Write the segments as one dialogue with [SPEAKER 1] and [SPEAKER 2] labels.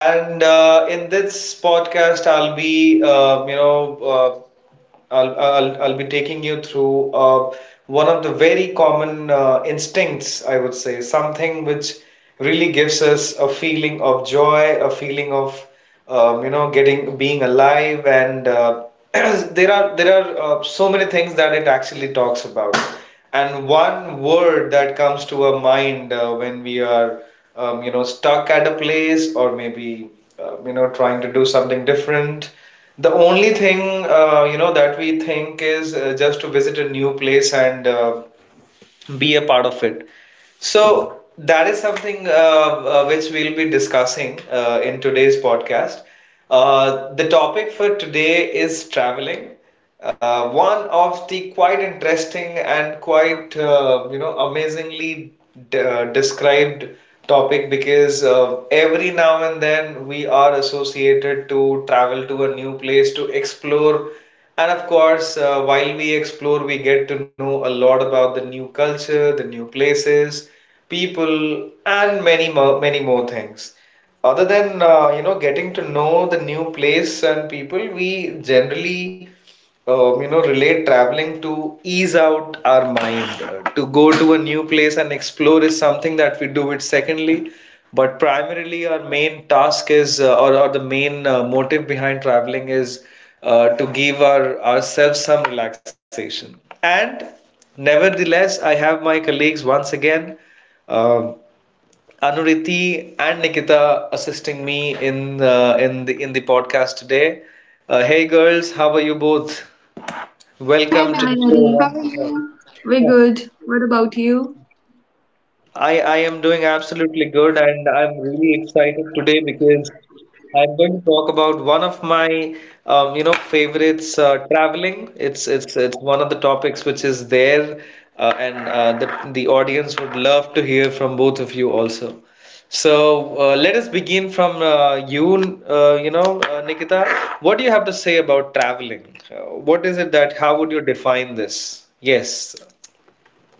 [SPEAKER 1] And in this podcast, I'll be, you know, I'll be taking you through one of the very common instincts, I would say, something which really gives us a feeling of joy, a feeling of getting being alive, and there are so many things that it actually talks about. And one word that comes to our mind when we are stuck at a place or maybe trying to do something different, the only thing that we think is just to visit a new place and be a part of it. So that is something which we'll be discussing in today's podcast. The topic for today is traveling. One of the quite interesting and quite amazingly described topic because every now and then we are associated to travel to a new place to explore, and of course, while we explore, we get to know a lot about the new culture, the new places, people, and many more, many more things. Other than getting to know the new place and people, we generally relate traveling to ease out our mind. To go to a new place and explore is something that we do it secondly, but primarily, our main task is, or the main motive behind traveling is to give ourselves some relaxation. And nevertheless, I have my colleagues once again, uh, Anuriti and Nikita, assisting me in the podcast today. Hey girls, how are you both?
[SPEAKER 2] Hi
[SPEAKER 1] Welcome to the
[SPEAKER 2] Maggie,
[SPEAKER 1] show
[SPEAKER 3] Hi,
[SPEAKER 2] how are
[SPEAKER 1] once
[SPEAKER 3] Mary.
[SPEAKER 1] again.
[SPEAKER 2] you?
[SPEAKER 3] We're good. What about you?
[SPEAKER 1] I am doing absolutely good and I'm really excited today because I'm going to talk about one of my favorites, traveling. It's one of the topics which is there, and the audience would love to hear from both of you also. So let us begin from Nikita. What do you have to say about traveling? What is it that how would you define this? Yes,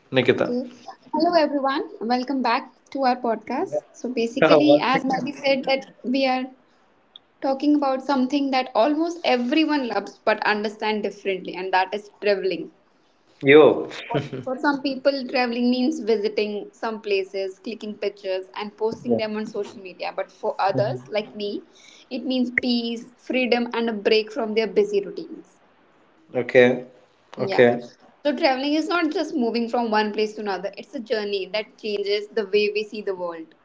[SPEAKER 2] Okay.
[SPEAKER 1] Nikita.
[SPEAKER 2] Hello everyone. Welcome back to our podcast. So basically,
[SPEAKER 1] Once
[SPEAKER 2] as Maggie
[SPEAKER 1] again.
[SPEAKER 2] said, that we are talking about something that almost everyone loves but understand differently, and that is traveling.
[SPEAKER 1] Yo.
[SPEAKER 2] For for some people, traveling means visiting some places, clicking pictures, and posting
[SPEAKER 1] Yeah.
[SPEAKER 2] them on social media. But for others, like me, it means peace, freedom, and a break from their busy routines.
[SPEAKER 1] Okay.
[SPEAKER 2] Yeah.
[SPEAKER 1] Okay.
[SPEAKER 2] So traveling is not just moving from one place to another, it's a journey that changes the way we see the world.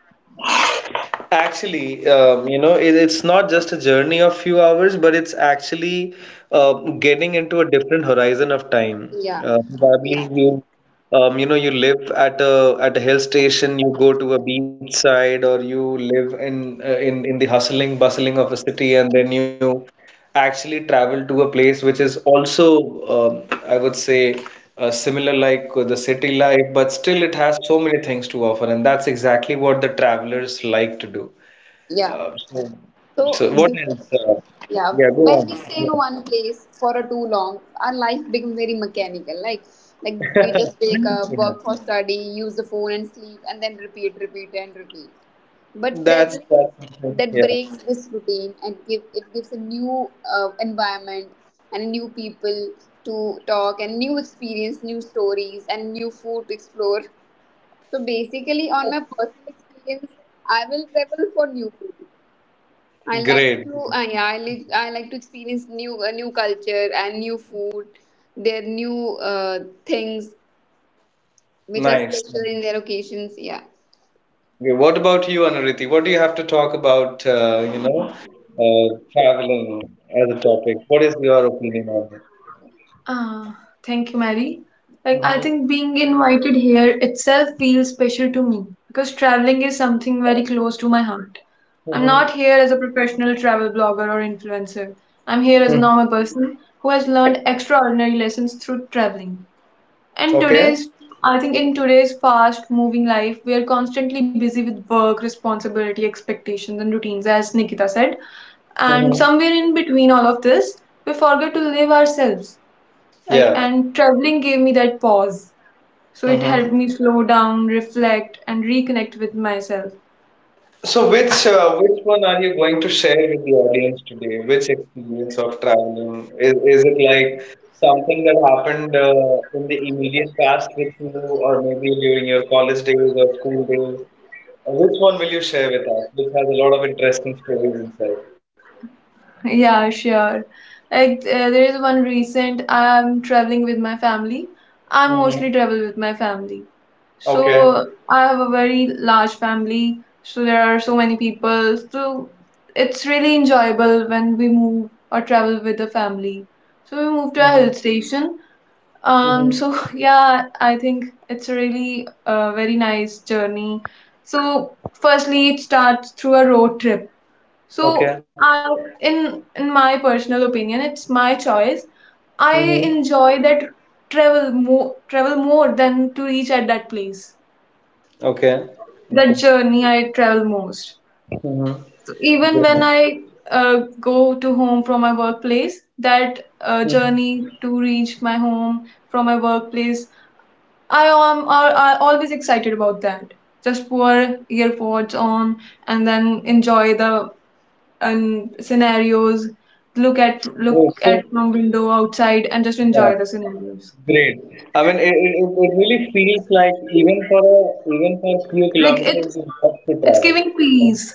[SPEAKER 1] Actually, it's not just a journey of few hours, but it's actually uh, getting into a different horizon of time.
[SPEAKER 2] Yeah.
[SPEAKER 1] Uh, probably
[SPEAKER 2] Yeah.
[SPEAKER 1] you, um, you know, you live at a hill station, you go to a beach side, or you live in in the hustling bustling of a city, and then you actually travel to a place which is also, I would say, similar like the city life, but still it has so many things to offer, and that's exactly what the travelers like to do.
[SPEAKER 2] Yeah.
[SPEAKER 1] Uh, so,
[SPEAKER 2] So
[SPEAKER 1] so
[SPEAKER 2] we,
[SPEAKER 1] what else?
[SPEAKER 2] Yeah,
[SPEAKER 1] Yeah, go
[SPEAKER 2] when
[SPEAKER 1] on.
[SPEAKER 2] we stay
[SPEAKER 1] Go
[SPEAKER 2] in
[SPEAKER 1] on.
[SPEAKER 2] one place for a too long, our life becomes very mechanical. Like we just wake up,
[SPEAKER 1] Yeah.
[SPEAKER 2] work for study, use the phone and sleep, and then repeat, repeat, and repeat. But traveling
[SPEAKER 1] That's something.
[SPEAKER 2] that
[SPEAKER 1] Yeah.
[SPEAKER 2] breaks this routine and give it gives a new environment and a new people to talk and new experience, new stories, and new food to explore. So basically, on my personal experience, I will travel for new food. I like
[SPEAKER 1] Great.
[SPEAKER 2] to, yeah, I like to experience new, new culture and new food, their new things which are
[SPEAKER 1] Nice.
[SPEAKER 2] special
[SPEAKER 1] Okay,
[SPEAKER 2] in their occasions. Yeah.
[SPEAKER 1] what about you, Anuriti? What do you have to talk about, traveling as a topic? What is your opinion on
[SPEAKER 3] Ah, Thank you, Mary. Like, I
[SPEAKER 1] it?
[SPEAKER 3] think being invited here itself feels special to me because traveling is something very close to my heart. I'm
[SPEAKER 1] Mm-hmm.
[SPEAKER 3] not here as a professional travel blogger or influencer. I'm here as a normal person who has learned extraordinary lessons through traveling. And
[SPEAKER 1] Okay.
[SPEAKER 3] today's, I think, in today's fast moving life, we are constantly busy with work, responsibility, expectations, and routines, as Nikita said. And
[SPEAKER 1] Mm-hmm.
[SPEAKER 3] somewhere in between all of this, we forget to live ourselves. Like,
[SPEAKER 1] Yeah.
[SPEAKER 3] and traveling gave me that pause. So it
[SPEAKER 1] Mm-hmm.
[SPEAKER 3] helped me slow down, reflect, and reconnect with myself.
[SPEAKER 1] So which one are you going to share with the audience today? Which experience of traveling? Is it like something that happened in the immediate past with you, or maybe during your college days or school days? Which one will you share with us, which has a lot of interesting stories inside?
[SPEAKER 3] Yeah, sure. Like there is one recent I'm traveling with my family. I
[SPEAKER 1] Mm-hmm.
[SPEAKER 3] mostly travel with my family.
[SPEAKER 1] Okay.
[SPEAKER 3] So I have a very large family, so there are so many people. So it's really enjoyable when we move or travel with the family. So we
[SPEAKER 1] Mm-hmm.
[SPEAKER 3] moved to a hill station.
[SPEAKER 1] Mm-hmm.
[SPEAKER 3] So yeah, I think it's really a very nice journey. So firstly, it starts through a road trip
[SPEAKER 1] Okay.
[SPEAKER 3] so I in my personal opinion, it's my choice. I
[SPEAKER 1] Mm-hmm.
[SPEAKER 3] enjoy that travel more than to reach at that place.
[SPEAKER 1] Okay. Okay.
[SPEAKER 3] That journey I travel most.
[SPEAKER 1] Mm-hmm.
[SPEAKER 3] So even when I go to home from my workplace, that
[SPEAKER 1] Great.
[SPEAKER 3] journey to reach my home from my workplace, I am are always excited about that. Just pour earpods on and then enjoy the and scenarios look at look
[SPEAKER 1] Oh, so
[SPEAKER 3] at from window outside and just
[SPEAKER 1] yeah,
[SPEAKER 3] enjoy the scenarios
[SPEAKER 1] great. I mean, it really feels like even for a, even for a few
[SPEAKER 3] like
[SPEAKER 1] kilometers, you have to
[SPEAKER 3] it's
[SPEAKER 1] travel,
[SPEAKER 3] giving
[SPEAKER 1] right?
[SPEAKER 3] peace.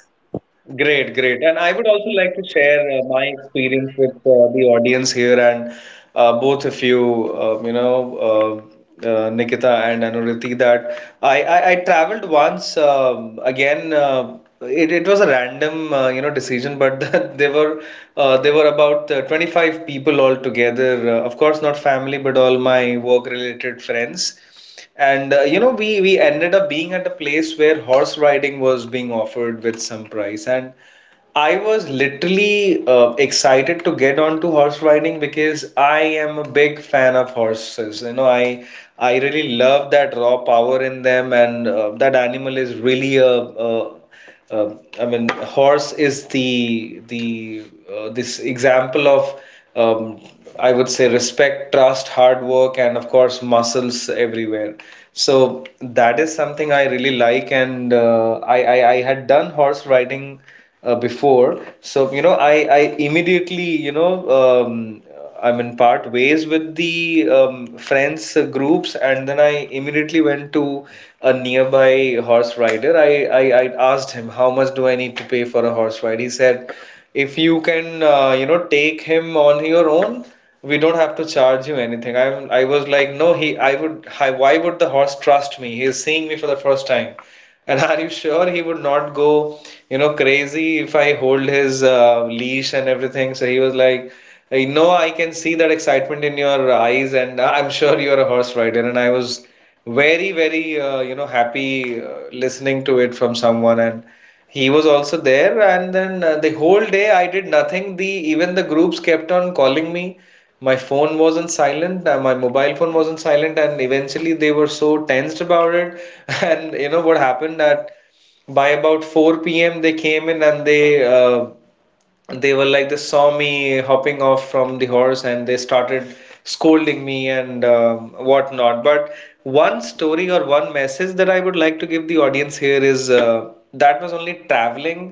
[SPEAKER 1] Great, great. And I would also like to share my experience with the audience here and both of you, Nikita and Anuriti, that I traveled once, um, again. It was a random, decision, but that they were about 25 people all together. Of course, not family, but all my work-related friends. And we ended up being at a place where horse riding was being offered with some price, and I was literally excited to get onto horse riding because I am a big fan of horses. You know, I really love that raw power in them, and that animal is really a I mean, horse is the this example of um, I would say, respect, trust, hard work, and of course, muscles everywhere. So that is something I really like, and I had done horse riding before, so you know I immediately, you know, um, I'm in part ways with the friends groups, and then I immediately went to a nearby horse rider. I asked him how much do I need to pay for a horse ride. He said, if you can, take him on your own, we don't have to charge you anything. I was like, no, he, I would, I, why would the horse trust me? He is seeing me for the first time. And are you sure he would not go, you know, crazy if I hold his leash and everything? So he was like, I know I can see that excitement in your eyes, and I'm sure you're a horse rider. And I was very, very, happy listening to it from someone. And he was also there, and then the whole day I did nothing. The even the groups kept on calling me. My phone wasn't silent, my mobile phone wasn't silent, and eventually they were so tensed about it. And you know what happened that by about 4 p.m. they came in and uh, they were like they saw me hopping off from the horse and they started scolding me and whatnot, but one story or one message that I would like to give the audience here is, that was only traveling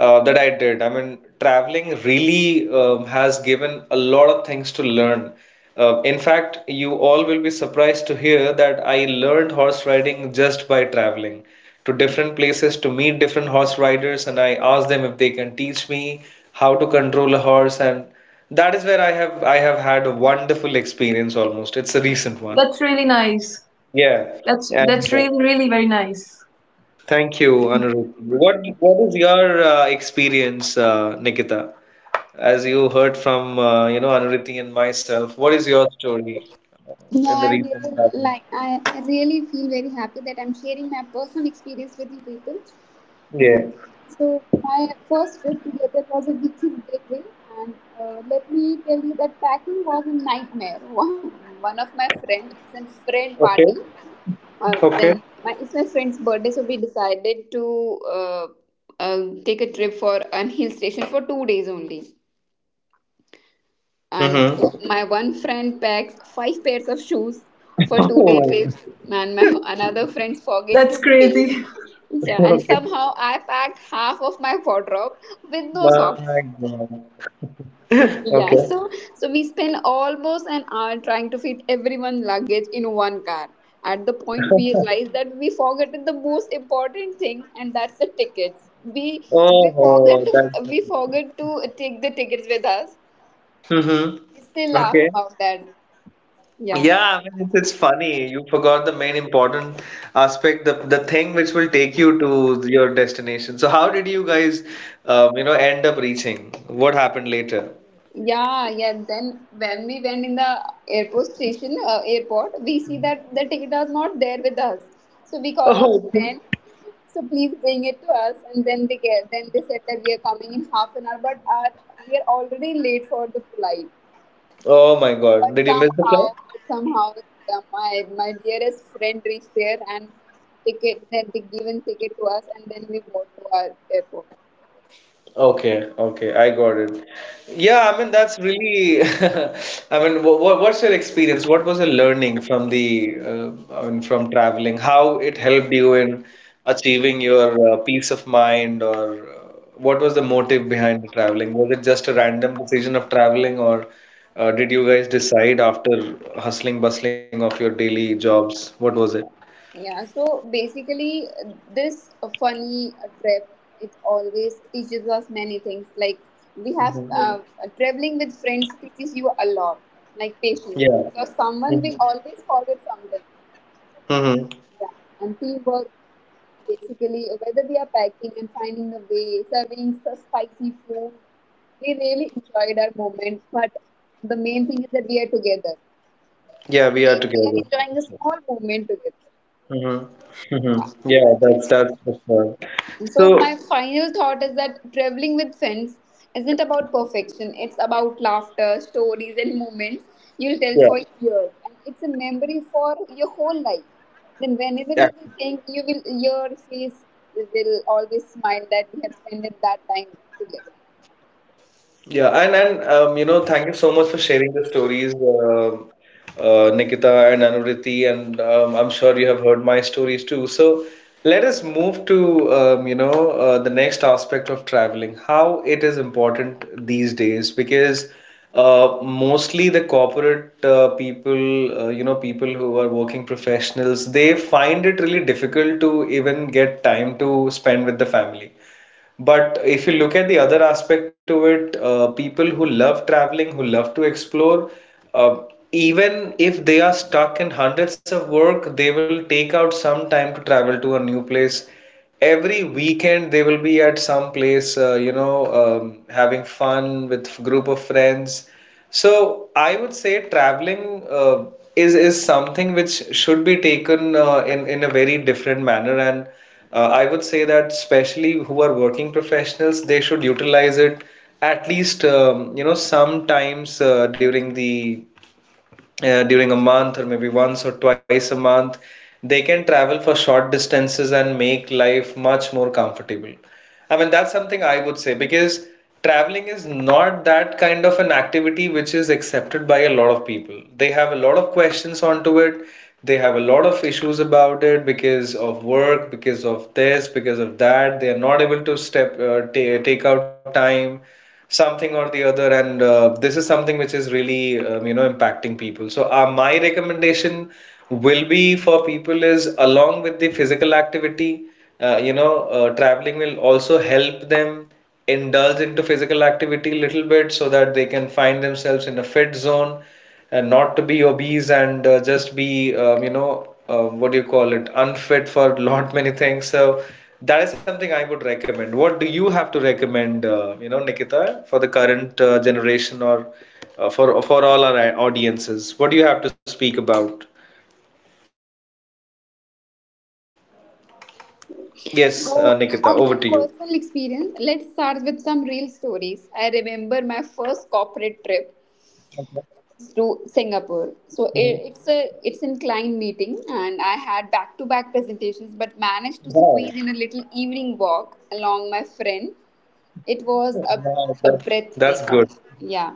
[SPEAKER 1] that I did. I mean, traveling really, has given a lot of things to learn. Uh, in fact, you all will be surprised to hear that I learned horse riding just by traveling to different places to meet different horse riders, and I ask them if they can teach me how to control a horse, and that is where I have had a wonderful experience almost. It's a
[SPEAKER 3] Yeah,
[SPEAKER 1] recent one.
[SPEAKER 3] that's really nice.
[SPEAKER 1] Yeah.
[SPEAKER 3] that's
[SPEAKER 1] And
[SPEAKER 3] that's
[SPEAKER 1] uh,
[SPEAKER 3] really really very nice.
[SPEAKER 1] thank you, Anuruddha. What is your experience, Nikita? As you heard from Anuruddha and myself, what is your story
[SPEAKER 2] Yeah,
[SPEAKER 1] in the
[SPEAKER 2] I
[SPEAKER 1] recent
[SPEAKER 2] really
[SPEAKER 1] traveling?
[SPEAKER 2] like I I really feel very happy that I'm sharing my personal experience with you people.
[SPEAKER 1] Yeah.
[SPEAKER 2] And so my first trip together was a weekend getaway, and let me tell you that packing was a nightmare. One of my friends, it's a friend party.
[SPEAKER 1] Okay. Okay.
[SPEAKER 2] Then my It's my friend's birthday, so we decided to uh, take a trip for an hill station for 2 days only. And
[SPEAKER 1] Mm-hmm.
[SPEAKER 2] my one friend packs 5 pairs of shoes for two
[SPEAKER 1] Oh
[SPEAKER 2] day
[SPEAKER 1] my
[SPEAKER 2] trips, and my
[SPEAKER 1] God.
[SPEAKER 2] another friends forget
[SPEAKER 3] That's
[SPEAKER 2] toothpaste.
[SPEAKER 3] crazy.
[SPEAKER 2] Yeah, and
[SPEAKER 1] Okay.
[SPEAKER 2] somehow I packed half of my wardrobe with no socks.
[SPEAKER 1] My God. Okay.
[SPEAKER 2] Yeah, so we spend almost an hour trying to fit everyone's luggage in one car. At the point we realized that we forgot the most important thing, and that's the tickets. We
[SPEAKER 1] Oh,
[SPEAKER 2] forgot to
[SPEAKER 1] that's.
[SPEAKER 2] we forgot to take the tickets with us.
[SPEAKER 1] Mm-hmm.
[SPEAKER 2] We still laugh
[SPEAKER 1] Okay.
[SPEAKER 2] about that. Yeah.
[SPEAKER 1] Yeah, I mean it's funny. You forgot the main important aspect, the thing which will take you to your destination. So how did you guys, end up reaching? What happened later?
[SPEAKER 2] Yeah. Then when we went in the airport, we see that the ticket was not there with us. So we call our
[SPEAKER 1] Oh, okay.
[SPEAKER 2] friend. So please bring it to us, and then then they said that we are coming in half an hour, but are we are already late for the flight.
[SPEAKER 1] Oh my God.
[SPEAKER 2] But
[SPEAKER 1] Did you miss the flight?
[SPEAKER 2] somehow, but somehow, my dearest friend reached there and ticket that they given ticket to us, and then we bought to our airport.
[SPEAKER 1] Okay, okay, I got it. Yeah, I mean that's really. I mean, what what's your experience? What was your learning from the, I mean, from traveling? How it helped you in achieving your peace of mind, or what was the motive behind the traveling? Was it just a random decision of traveling, or did you guys decide after hustling bustling of your daily jobs? What was it?
[SPEAKER 2] Yeah, so basically, this funny trip it always teaches us many things. Like we
[SPEAKER 1] Mhm.
[SPEAKER 2] have Yeah. Yes. Traveling with friends teaches you a lot, like patience,
[SPEAKER 1] Yeah.
[SPEAKER 2] because
[SPEAKER 1] hmm
[SPEAKER 2] someone will always forget something.
[SPEAKER 1] hmm
[SPEAKER 2] Yeah, and teamwork basically whether we are packing and finding the way, serving the spicy food. We really enjoyed our moment, but the main thing is that we are together
[SPEAKER 1] Yeah,
[SPEAKER 2] and
[SPEAKER 1] we are
[SPEAKER 2] we are
[SPEAKER 1] together.
[SPEAKER 2] enjoying a small moment together.
[SPEAKER 1] Mm-hmm.
[SPEAKER 2] Yeah.
[SPEAKER 1] Mm-hmm. Yeah, that's for sure.
[SPEAKER 2] So,
[SPEAKER 1] So
[SPEAKER 2] my final thought is that traveling with friends isn't about perfection, it's about laughter, stories, and moments you'll tell
[SPEAKER 1] yeah,
[SPEAKER 2] for years. And it's a memory for your whole life. Then,
[SPEAKER 1] yeah.
[SPEAKER 2] whenever you will think, your face will always smile that we have spent that time together.
[SPEAKER 1] Yeah, and thank you so much for sharing the stories, Nikita and Anuriti, and I'm sure you have heard my stories too. So let us move to the next aspect of traveling, how it is important these days, because mostly the corporate people, people who are working professionals, they find it really difficult to even get time to spend with the family. But if you look at the other aspect to it, people who love traveling, who love to explore, uh, even if they are stuck in hundreds of work, they will take out some time to travel to a new place. Every weekend, they will be at some place, having fun with group of friends. So I would say traveling is something which should be taken in a very different manner, and I would say that especially who are working professionals, they should utilize it at least sometimes during the during a month or maybe once or twice a month. They can travel for short distances and make life much more comfortable. I mean, that's something I would say because traveling is not that kind of an activity which is accepted by a lot of people. They have a lot of questions onto it. They have a lot of issues about it because of work, because of this, because of that. They are not able to step ta take out time something or the other, and this is something which is really impacting people, so my recommendation will be for people is along with the physical activity, traveling will also help them indulge into physical activity a little bit so that they can find themselves in a fit zone and not to be obese, and just be what do you call it, unfit for lot many things. So that is something I would recommend. What do you have to recommend, Nikita, for the current generation, or for all our audiences? What do you have to speak about? Yes, Nikita, over to you.
[SPEAKER 2] Okay, so on my personal experience, let's start with some real stories. I remember my first corporate trip to Singapore. It's a it's in client meeting, and I had back to back presentations, but managed to squeeze in a little evening walk along my friend.
[SPEAKER 1] that's
[SPEAKER 2] It
[SPEAKER 1] that's
[SPEAKER 2] was
[SPEAKER 1] good.
[SPEAKER 2] a breathtaking, yeah.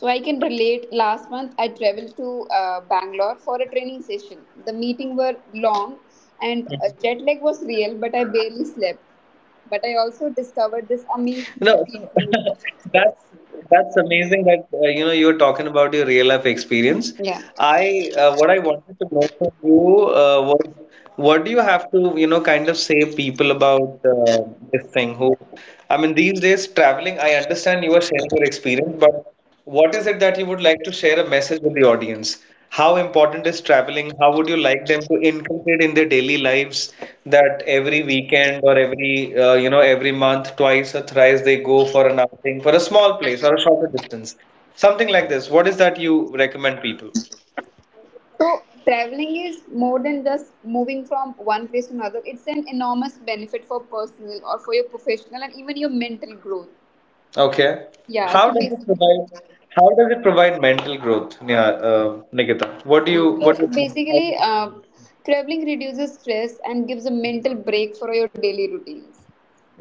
[SPEAKER 2] So I can relate. Last month I traveled to Bangalore for a training session. The meeting were long, and jet lag was real, but I barely slept. But I
[SPEAKER 1] No,
[SPEAKER 2] also
[SPEAKER 1] so
[SPEAKER 2] discovered this amazing
[SPEAKER 1] that's
[SPEAKER 2] street
[SPEAKER 1] that's
[SPEAKER 2] food.
[SPEAKER 1] amazing that you're talking about your real life experience. I
[SPEAKER 2] Yeah.
[SPEAKER 1] What I wanted to know from you was, what do you have to kind of say people about, this thing? Who I mean, these days traveling, I understand you are sharing your experience, but what is it that you would like to share a message with the audience? How important is traveling? How would you like them to inculcate in their daily lives that every weekend or every you know every month, twice or thrice they go for an outing for a small place or a shorter distance, something like this? What is that you recommend people?
[SPEAKER 2] So traveling is more than just moving from one place to another. It's an enormous benefit for personal or for your professional and even your mental growth.
[SPEAKER 1] Okay.
[SPEAKER 2] Yeah. So
[SPEAKER 1] How does it
[SPEAKER 2] basically,
[SPEAKER 1] provide? How does it provide mental growth, Neha, Nikita? What do you
[SPEAKER 2] so
[SPEAKER 1] what do you think? How
[SPEAKER 2] basically,
[SPEAKER 1] does it
[SPEAKER 2] uh,
[SPEAKER 1] provide?
[SPEAKER 2] traveling reduces stress and gives a mental break for your daily routines.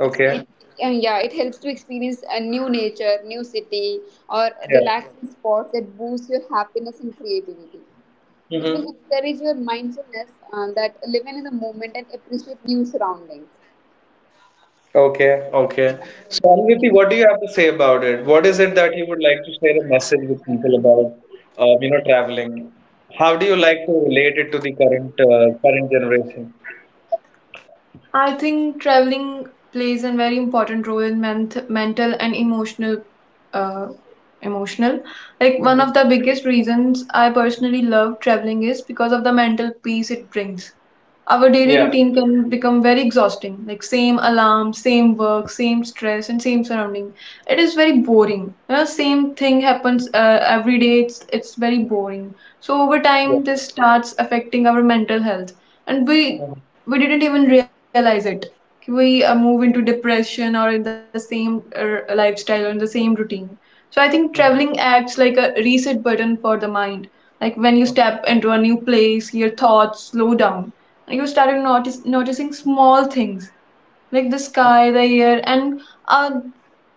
[SPEAKER 2] Exp- It, and Yeah, it helps to experience a new nature, new city, or
[SPEAKER 1] Yeah.
[SPEAKER 2] relaxing spots that boost your happiness and creativity.
[SPEAKER 1] Hmm.
[SPEAKER 2] It will encourage your mindfulness that living in the moment and appreciate new surroundings.
[SPEAKER 1] Okay, okay. So, Anirudh, what do you have to say about it? What is it that you would like to share a message with people about, traveling? How do you like to relate it to the current generation?
[SPEAKER 3] I think traveling plays a very important role in mental and emotional uh, emotional. Like one
[SPEAKER 1] Mhm.
[SPEAKER 3] of the biggest reasons I personally love traveling is because of the mental peace it brings. Our
[SPEAKER 1] Yeah,
[SPEAKER 3] daily routine can become very exhausting, like same alarm, same work, same stress, and same surrounding. It is very boring. You know, same thing happens every day. It's very boring. So over
[SPEAKER 1] yeah.
[SPEAKER 3] time, this starts affecting our mental health, and we
[SPEAKER 1] Mhm.
[SPEAKER 3] we didn't even realize it. We move into depression or in the same lifestyle or in the same routine. So I think traveling
[SPEAKER 1] Mhm.
[SPEAKER 3] acts like a reset button for the mind. Like when you
[SPEAKER 1] Mhm.
[SPEAKER 3] step into a new place, your thoughts slow down, you started noticing small things like the sky, the air, and uh,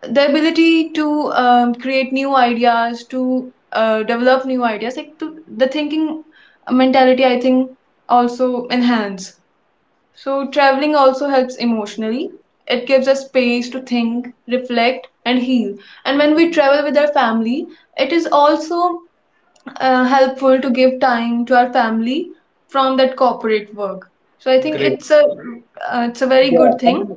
[SPEAKER 3] the ability to create new ideas, to develop new ideas, like to, the thinking mentality, I think, also enhance. So, traveling also helps emotionally. It gives us space to think, reflect, and heal. And when we travel with our family, it is also helpful to give time to our family from that corporate work. So I think
[SPEAKER 1] Great.
[SPEAKER 3] it's a very
[SPEAKER 1] Yeah,
[SPEAKER 3] good
[SPEAKER 1] I
[SPEAKER 3] thing.
[SPEAKER 1] mean,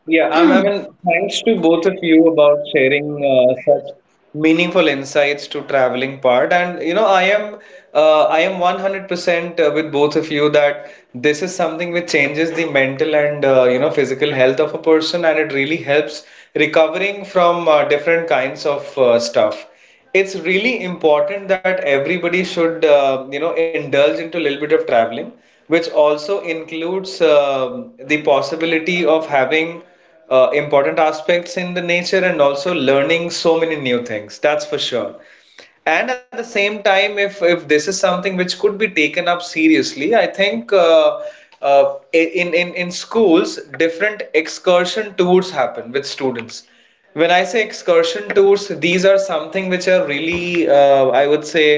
[SPEAKER 1] yeah, I mean, thanks to both of you about sharing such meaningful insights to traveling part. And you know, I am 100% with both of you that this is something which changes the mental and physical health of a person, and it really helps recovering from different kinds of stuff. It's really important that everybody should indulge into a little bit of traveling, which also includes the possibility of having important aspects in the nature and also learning so many new things, that's for sure. And at the same time, if this is something which could be taken up seriously, I think in schools different excursion tours happen with students. When I say excursion tours, these are something which are really, I would say,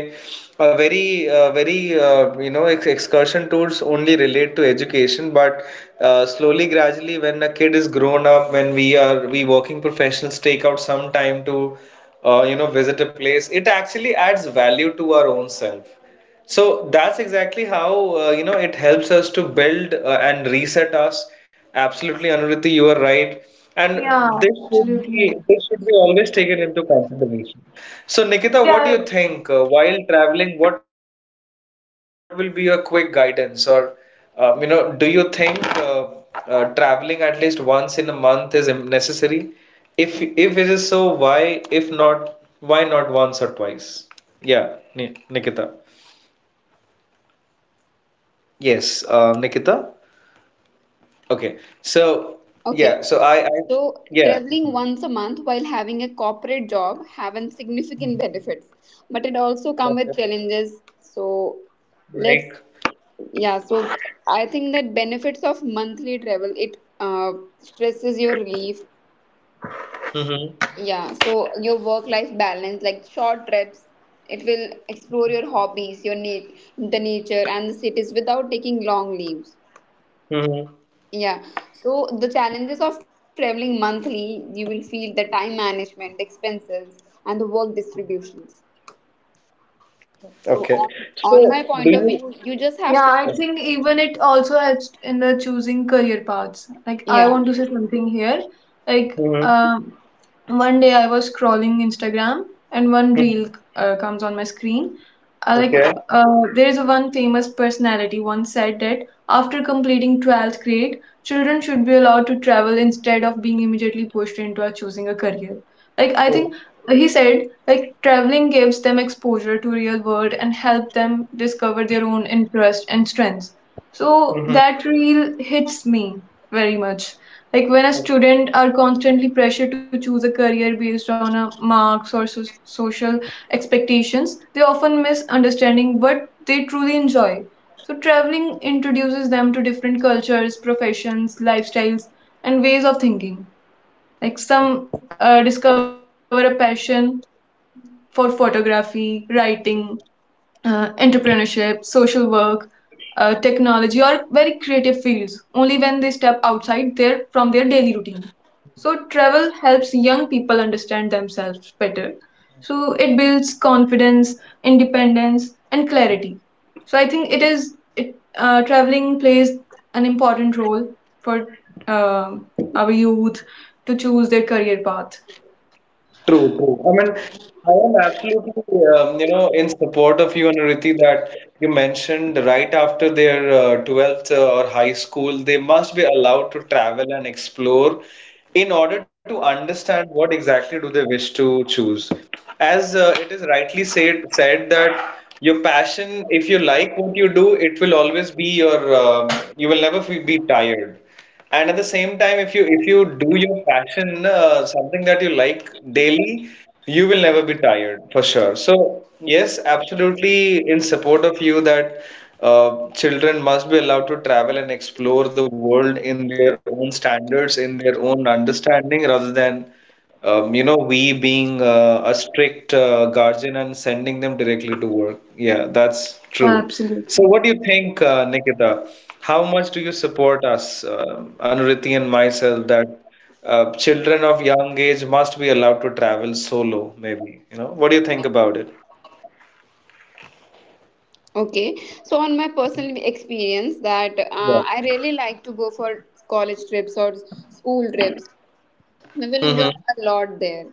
[SPEAKER 1] a very excursion tours only relate to education, but slowly gradually, when a kid is grown up, when we working professionals take out some time to visit a place, it actually adds value to our own self. So that's exactly how it helps us to build and reset us. Absolutely, Anuruti, you are right, and
[SPEAKER 3] Yeah,
[SPEAKER 1] this should
[SPEAKER 3] absolutely.
[SPEAKER 1] be this should be always taken into consideration. So, Nikita,
[SPEAKER 3] Actually,
[SPEAKER 1] what do
[SPEAKER 3] I
[SPEAKER 1] you think while traveling? What will be your quick guidance, or do you think traveling at least once in a month is necessary? If it is so, why? If not, why not once or twice? Yeah, Ni Nikita. Yes, Nikita. Okay. So
[SPEAKER 2] Okay,
[SPEAKER 1] yeah, so I
[SPEAKER 2] so
[SPEAKER 1] yeah.
[SPEAKER 2] traveling once a month while having a corporate job having significant benefits, but it also come with
[SPEAKER 1] Okay.
[SPEAKER 2] challenges. So let's
[SPEAKER 1] Like.
[SPEAKER 2] yeah. So I think that benefits of monthly travel it stresses your relief,
[SPEAKER 1] Mm-hmm.
[SPEAKER 2] yeah, so your work-life balance, like short trips, it will explore your hobbies, your nat the nature and the cities without taking long leaves.
[SPEAKER 1] Mm-hmm.
[SPEAKER 2] Yeah. So the challenges of traveling monthly, you will feel the time management, the expenses, and the work distributions. So
[SPEAKER 1] Okay.
[SPEAKER 2] on
[SPEAKER 1] So
[SPEAKER 2] on my
[SPEAKER 1] do
[SPEAKER 2] point of
[SPEAKER 1] you?
[SPEAKER 2] view, you just have to
[SPEAKER 3] yeah I think even it also helps in the choosing career paths. Like I
[SPEAKER 2] yeah.
[SPEAKER 3] want to say something here. Like
[SPEAKER 1] Yeah.
[SPEAKER 3] one day I was scrolling Instagram and one reel
[SPEAKER 1] Mhm.
[SPEAKER 3] comes on my screen. I like
[SPEAKER 1] Okay.
[SPEAKER 3] uh, there is one famous personality once said that after completing 12th grade, children should be allowed to travel instead of being immediately pushed into a choosing a career. Like I think
[SPEAKER 1] Okay.
[SPEAKER 3] he said, like traveling gives them exposure to real world and help them discover their own interest and strengths. So
[SPEAKER 1] Hmm.
[SPEAKER 3] that reel hits me very much. Like when a student are constantly pressured to choose a career based on a marks or social expectations, they often miss understanding what they truly enjoy. So traveling introduces them to different cultures, professions, lifestyles, and ways of thinking. Like some discover a passion for photography, writing, entrepreneurship, social work, technology, or very creative fields only when they step outside their from their daily routine. So travel helps young people understand themselves better. So it builds confidence, independence, and clarity. So I think it is it traveling plays an important role for uh, our youth to choose their career path.
[SPEAKER 1] True, true. I mean, I am absolutely, in support of you and Riti that you mentioned right after their 12th or high school, they must be allowed to travel and explore in order to understand what exactly do they wish to choose. As it is rightly said that your passion, if you like what you do, it will always be your, you will never be tired. And at the same time, if you do your passion, something that you like daily, you will never be tired for sure. So yes, absolutely in support of you that children must be allowed to travel and explore the world in their own standards, in their own understanding, rather than we being a strict guardian and sending them directly to work. Yeah, that's
[SPEAKER 3] Yeah,
[SPEAKER 1] true. So
[SPEAKER 3] absolutely.
[SPEAKER 1] what do you think, Nikita? How much do you support us, Anuriti and myself, that children of young age must be allowed to travel solo, maybe? You know, what do you think about it?
[SPEAKER 2] Okay. So on my personal experience that
[SPEAKER 1] Yeah.
[SPEAKER 2] I really like to go for college trips or school trips. We will enjoy
[SPEAKER 1] Mm-hmm.
[SPEAKER 2] a lot there.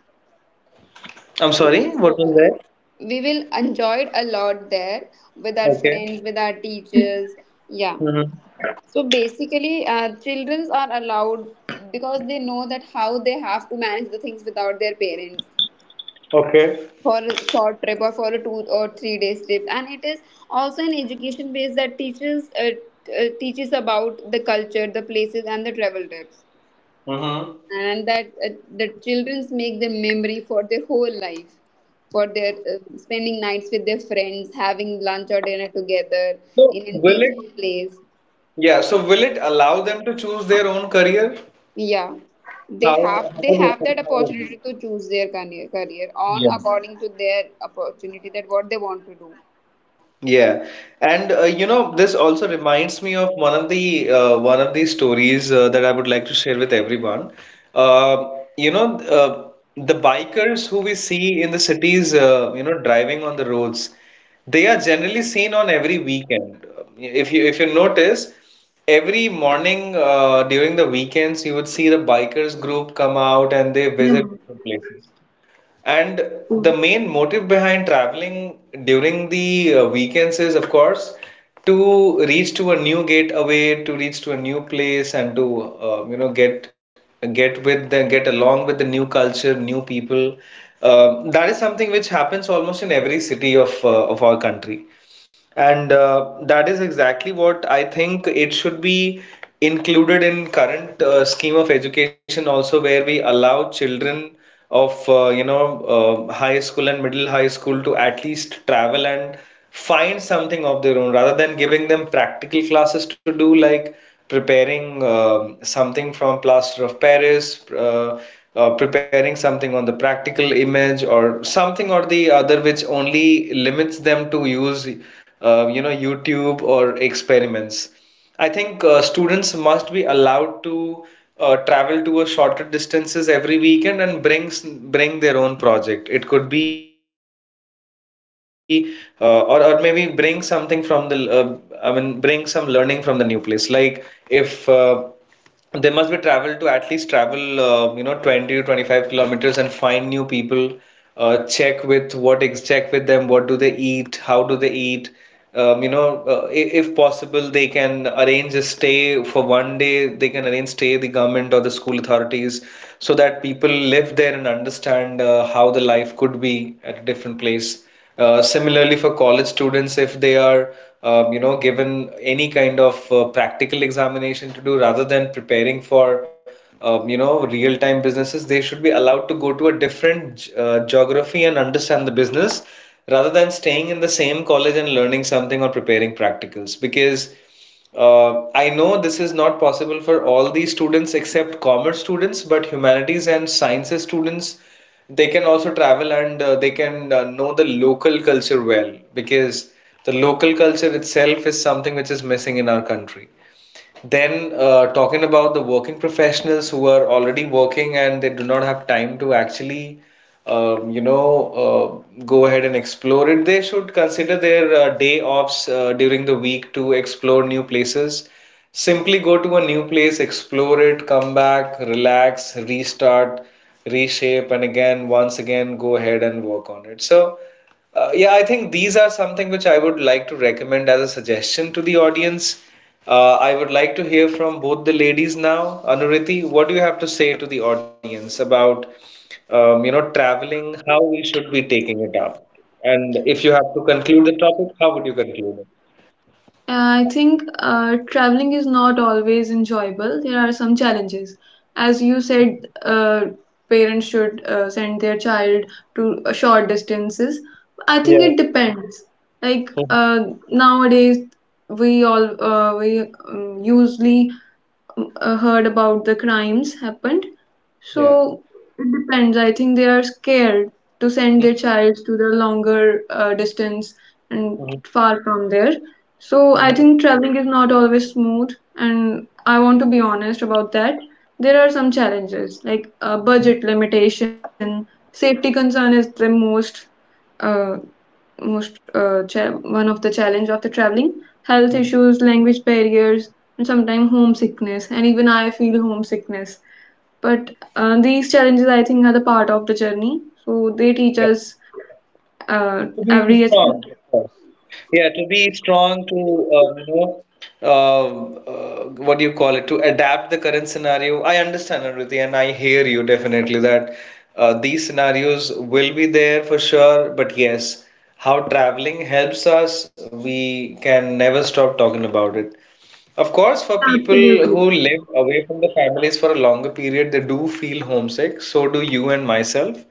[SPEAKER 1] I'm
[SPEAKER 2] Yeah.
[SPEAKER 1] sorry, what
[SPEAKER 2] So
[SPEAKER 1] was that?
[SPEAKER 2] we will enjoy it a lot there with our
[SPEAKER 1] Okay.
[SPEAKER 2] friends, with our
[SPEAKER 3] Okay, nice.
[SPEAKER 2] teachers. Yeah.
[SPEAKER 1] Mm-hmm.
[SPEAKER 2] So basically, children are allowed because they know that how they have to manage the things without their parents
[SPEAKER 1] Okay.
[SPEAKER 2] for a short trip or for a 2 or 3 days trip. And it is also an education base that teaches teaches about the culture, the places, and the travel trips.
[SPEAKER 1] Mm-hmm.
[SPEAKER 2] And that the childrens make their memory for their whole life for their spending nights with their friends having lunch or dinner together
[SPEAKER 1] So
[SPEAKER 2] in a
[SPEAKER 1] will it,
[SPEAKER 2] peaceful place.
[SPEAKER 1] yeah, so will it allow them to choose their own career?
[SPEAKER 2] Yeah,
[SPEAKER 1] How
[SPEAKER 2] they
[SPEAKER 1] would it
[SPEAKER 2] have that
[SPEAKER 1] empower them?
[SPEAKER 2] opportunity to choose their career, career on
[SPEAKER 1] Yeah.
[SPEAKER 2] according to their opportunity that what they want to do.
[SPEAKER 1] Yeah, and this also reminds me of one of the stories that I would like to share with everyone. Uh, you know, uh, the bikers who we see in the cities, driving on the roads, they are generally seen on every weekend. If you notice, every morning during the weekends, you would see the bikers group come out and they
[SPEAKER 3] Yeah.
[SPEAKER 1] visit different places. And the main motive behind traveling during the weekends is, of course, to reach to a new gateway, to reach to a new place, and to get with the get along with the new culture, new people. That is something which happens almost in every city of our country. And that is exactly what I think it should be included in current scheme of education also, where we allow children of high school and middle high school to at least travel and find something of their own, rather than giving them practical classes to do like preparing something from plaster of paris, uh, preparing something on the practical image, or something or the other which only limits them to use youtube or experiments. I think students must be allowed to travel to a shorter distances every weekend and bring their own project. It could be or maybe bring something from the, I mean, bring some learning from the new place. Like, if they must be travel to at least travel 20 to 25 kilometers and find new people, check with check with them, what do they eat, how do they eat, um, you know if possible they can arrange a stay for one day, they can arrange stay, the government or the school authorities, so that people live there and understand how the life could be at a different place. Similarly, for college students, if they are, given any kind of practical examination to do rather than preparing for, real-time businesses, they should be allowed to go to a different geography and understand the business rather than staying in the same college and learning something or preparing practicals. Because I know this is not possible for all the students except commerce students, but humanities and sciences students, they can also travel and they can know the local culture well because the local culture itself is something which is missing in our country. Then, talking about the working professionals who are already working and they do not have time to actually, um, you know, go ahead and explore it, they should consider their day offs during the week to explore new places. Simply go to a new place, explore it, come back, relax, restart, reshape, and again, once again, go ahead and work on it. So, yeah, I think these are something which I would like to recommend as a suggestion to the audience. I would like to hear from both the ladies now. Anuriti, what do you have to say to the audience about, traveling, how we should be taking it up? And if you have to conclude the topic, how would you conclude it?
[SPEAKER 3] I think traveling is not always enjoyable. There are some challenges. As you said, parents should send their child to short distances. I think
[SPEAKER 1] Yeah.
[SPEAKER 3] it depends. Like
[SPEAKER 1] Mhm.
[SPEAKER 3] nowadays, we usually heard about the crimes happened.
[SPEAKER 1] Yeah.
[SPEAKER 3] So it depends. I think they are scared to send
[SPEAKER 1] Mhm,
[SPEAKER 3] their child to the longer distance and
[SPEAKER 1] mhm,
[SPEAKER 3] far from there. So I
[SPEAKER 1] mhm,
[SPEAKER 3] think traveling is not always smooth, and I want to be honest about that. There are some challenges like budget limitation, safety concern is the uh, most one of the challenge of the traveling, health
[SPEAKER 1] mhm.
[SPEAKER 3] issues, language barriers, and sometimes homesickness, and even I feel homesickness. But these challenges I think are the part of the journey, so they teach
[SPEAKER 1] Yeah.
[SPEAKER 3] us
[SPEAKER 1] To be
[SPEAKER 3] every
[SPEAKER 1] strong, of
[SPEAKER 3] aspect.
[SPEAKER 1] course. Yeah, to be strong, to uh, what do you call it, to adapt the current scenario. I understand, Aditi, and I hear you definitely that these scenarios will be there for sure. But yes, how traveling helps us, we can never stop talking about it. Of course, for
[SPEAKER 3] Yeah,
[SPEAKER 1] people
[SPEAKER 3] absolutely.
[SPEAKER 1] who live away from the families for a longer period, they do feel homesick. So do you and myself,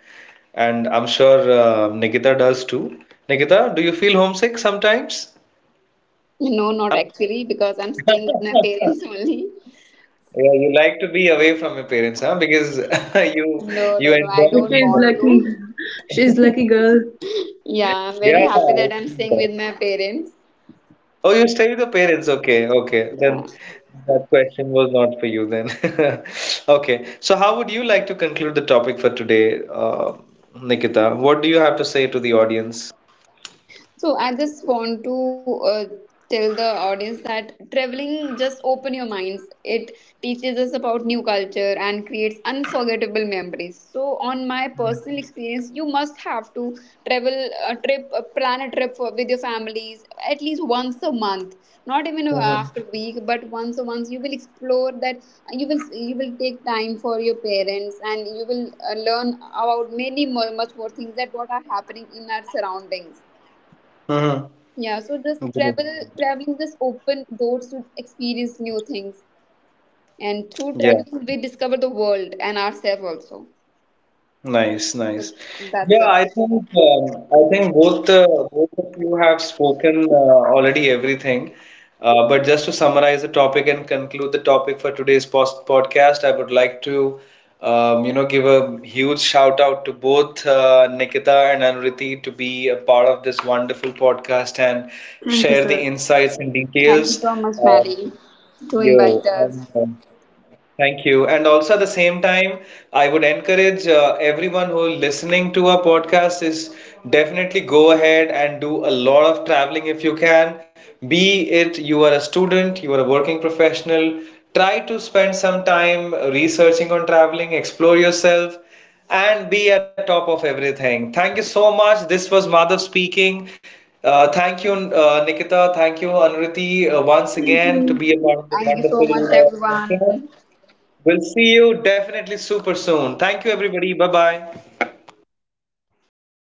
[SPEAKER 1] and I'm sure Nikita does too. Nikita, do you feel homesick sometimes?
[SPEAKER 2] No, not actually, because I'm staying with my parents only.
[SPEAKER 1] Yeah, you like to be away from your parents, huh? Because you
[SPEAKER 2] no no
[SPEAKER 1] you
[SPEAKER 2] no I
[SPEAKER 1] enjoy
[SPEAKER 2] don't
[SPEAKER 3] She's
[SPEAKER 1] being
[SPEAKER 2] want
[SPEAKER 1] home.
[SPEAKER 2] to.
[SPEAKER 3] lucky. She's lucky girl.
[SPEAKER 2] Yeah, I'm
[SPEAKER 1] Yeah,
[SPEAKER 2] very happy
[SPEAKER 1] I
[SPEAKER 2] that I'm
[SPEAKER 1] see
[SPEAKER 2] staying
[SPEAKER 1] that.
[SPEAKER 2] with my parents.
[SPEAKER 1] Oh, you stay with your parents. Okay, okay. Then
[SPEAKER 2] Yeah.
[SPEAKER 1] that question was not for you then. Okay. So how would you like to conclude the topic for today, Nikita? What do you have to say to the audience?
[SPEAKER 2] So I just want to uh, tell the audience that traveling just open your minds. It teaches us about new culture and creates unforgettable memories. So on my personal experience, you must have to travel a trip, a plan a trip for, with your families at least once a month. Not even
[SPEAKER 1] Mm-hmm.
[SPEAKER 2] after a week, but once a month you will explore that. You will take time for your parents and you will learn about many more, much more things that what are happening in our surroundings. Yeah, so just travel,
[SPEAKER 1] Mm-hmm.
[SPEAKER 2] traveling just open doors to experience new things. And through
[SPEAKER 1] Yeah.
[SPEAKER 2] traveling we discover the world and ourselves also.
[SPEAKER 1] Nice,
[SPEAKER 2] So
[SPEAKER 1] nice.
[SPEAKER 2] that's
[SPEAKER 1] Yeah,
[SPEAKER 2] it.
[SPEAKER 1] I think both of you have spoken already everything. But just to summarize the topic and conclude the topic for today's post podcast, I would like to give a huge shout out to both Nikita and Anuriti to be a part of this wonderful podcast and
[SPEAKER 3] Thank you,
[SPEAKER 1] share the
[SPEAKER 3] sir.
[SPEAKER 1] insights and
[SPEAKER 2] Thank you
[SPEAKER 1] details.
[SPEAKER 2] so much,
[SPEAKER 1] Um,
[SPEAKER 2] Maddie, to
[SPEAKER 1] yeah,
[SPEAKER 2] invite
[SPEAKER 1] and
[SPEAKER 2] us.
[SPEAKER 1] thank you. And also at the same time, I would encourage everyone who listening to our podcast is, definitely go ahead and do a lot of traveling if you can. Be it you are a student, you are a working professional, try to spend some time researching on traveling, explore yourself, and be at top of everything. Thank you so much. This was Madhav speaking. Thank you, Nikita. Thank you, Anuriti, once
[SPEAKER 3] Thank
[SPEAKER 1] again, to be
[SPEAKER 3] you.
[SPEAKER 1] a part of
[SPEAKER 2] Thank
[SPEAKER 1] this
[SPEAKER 2] you so much
[SPEAKER 1] wonderful
[SPEAKER 2] everyone.
[SPEAKER 1] podcast. We'll see you definitely super soon. Thank you, everybody. Bye bye.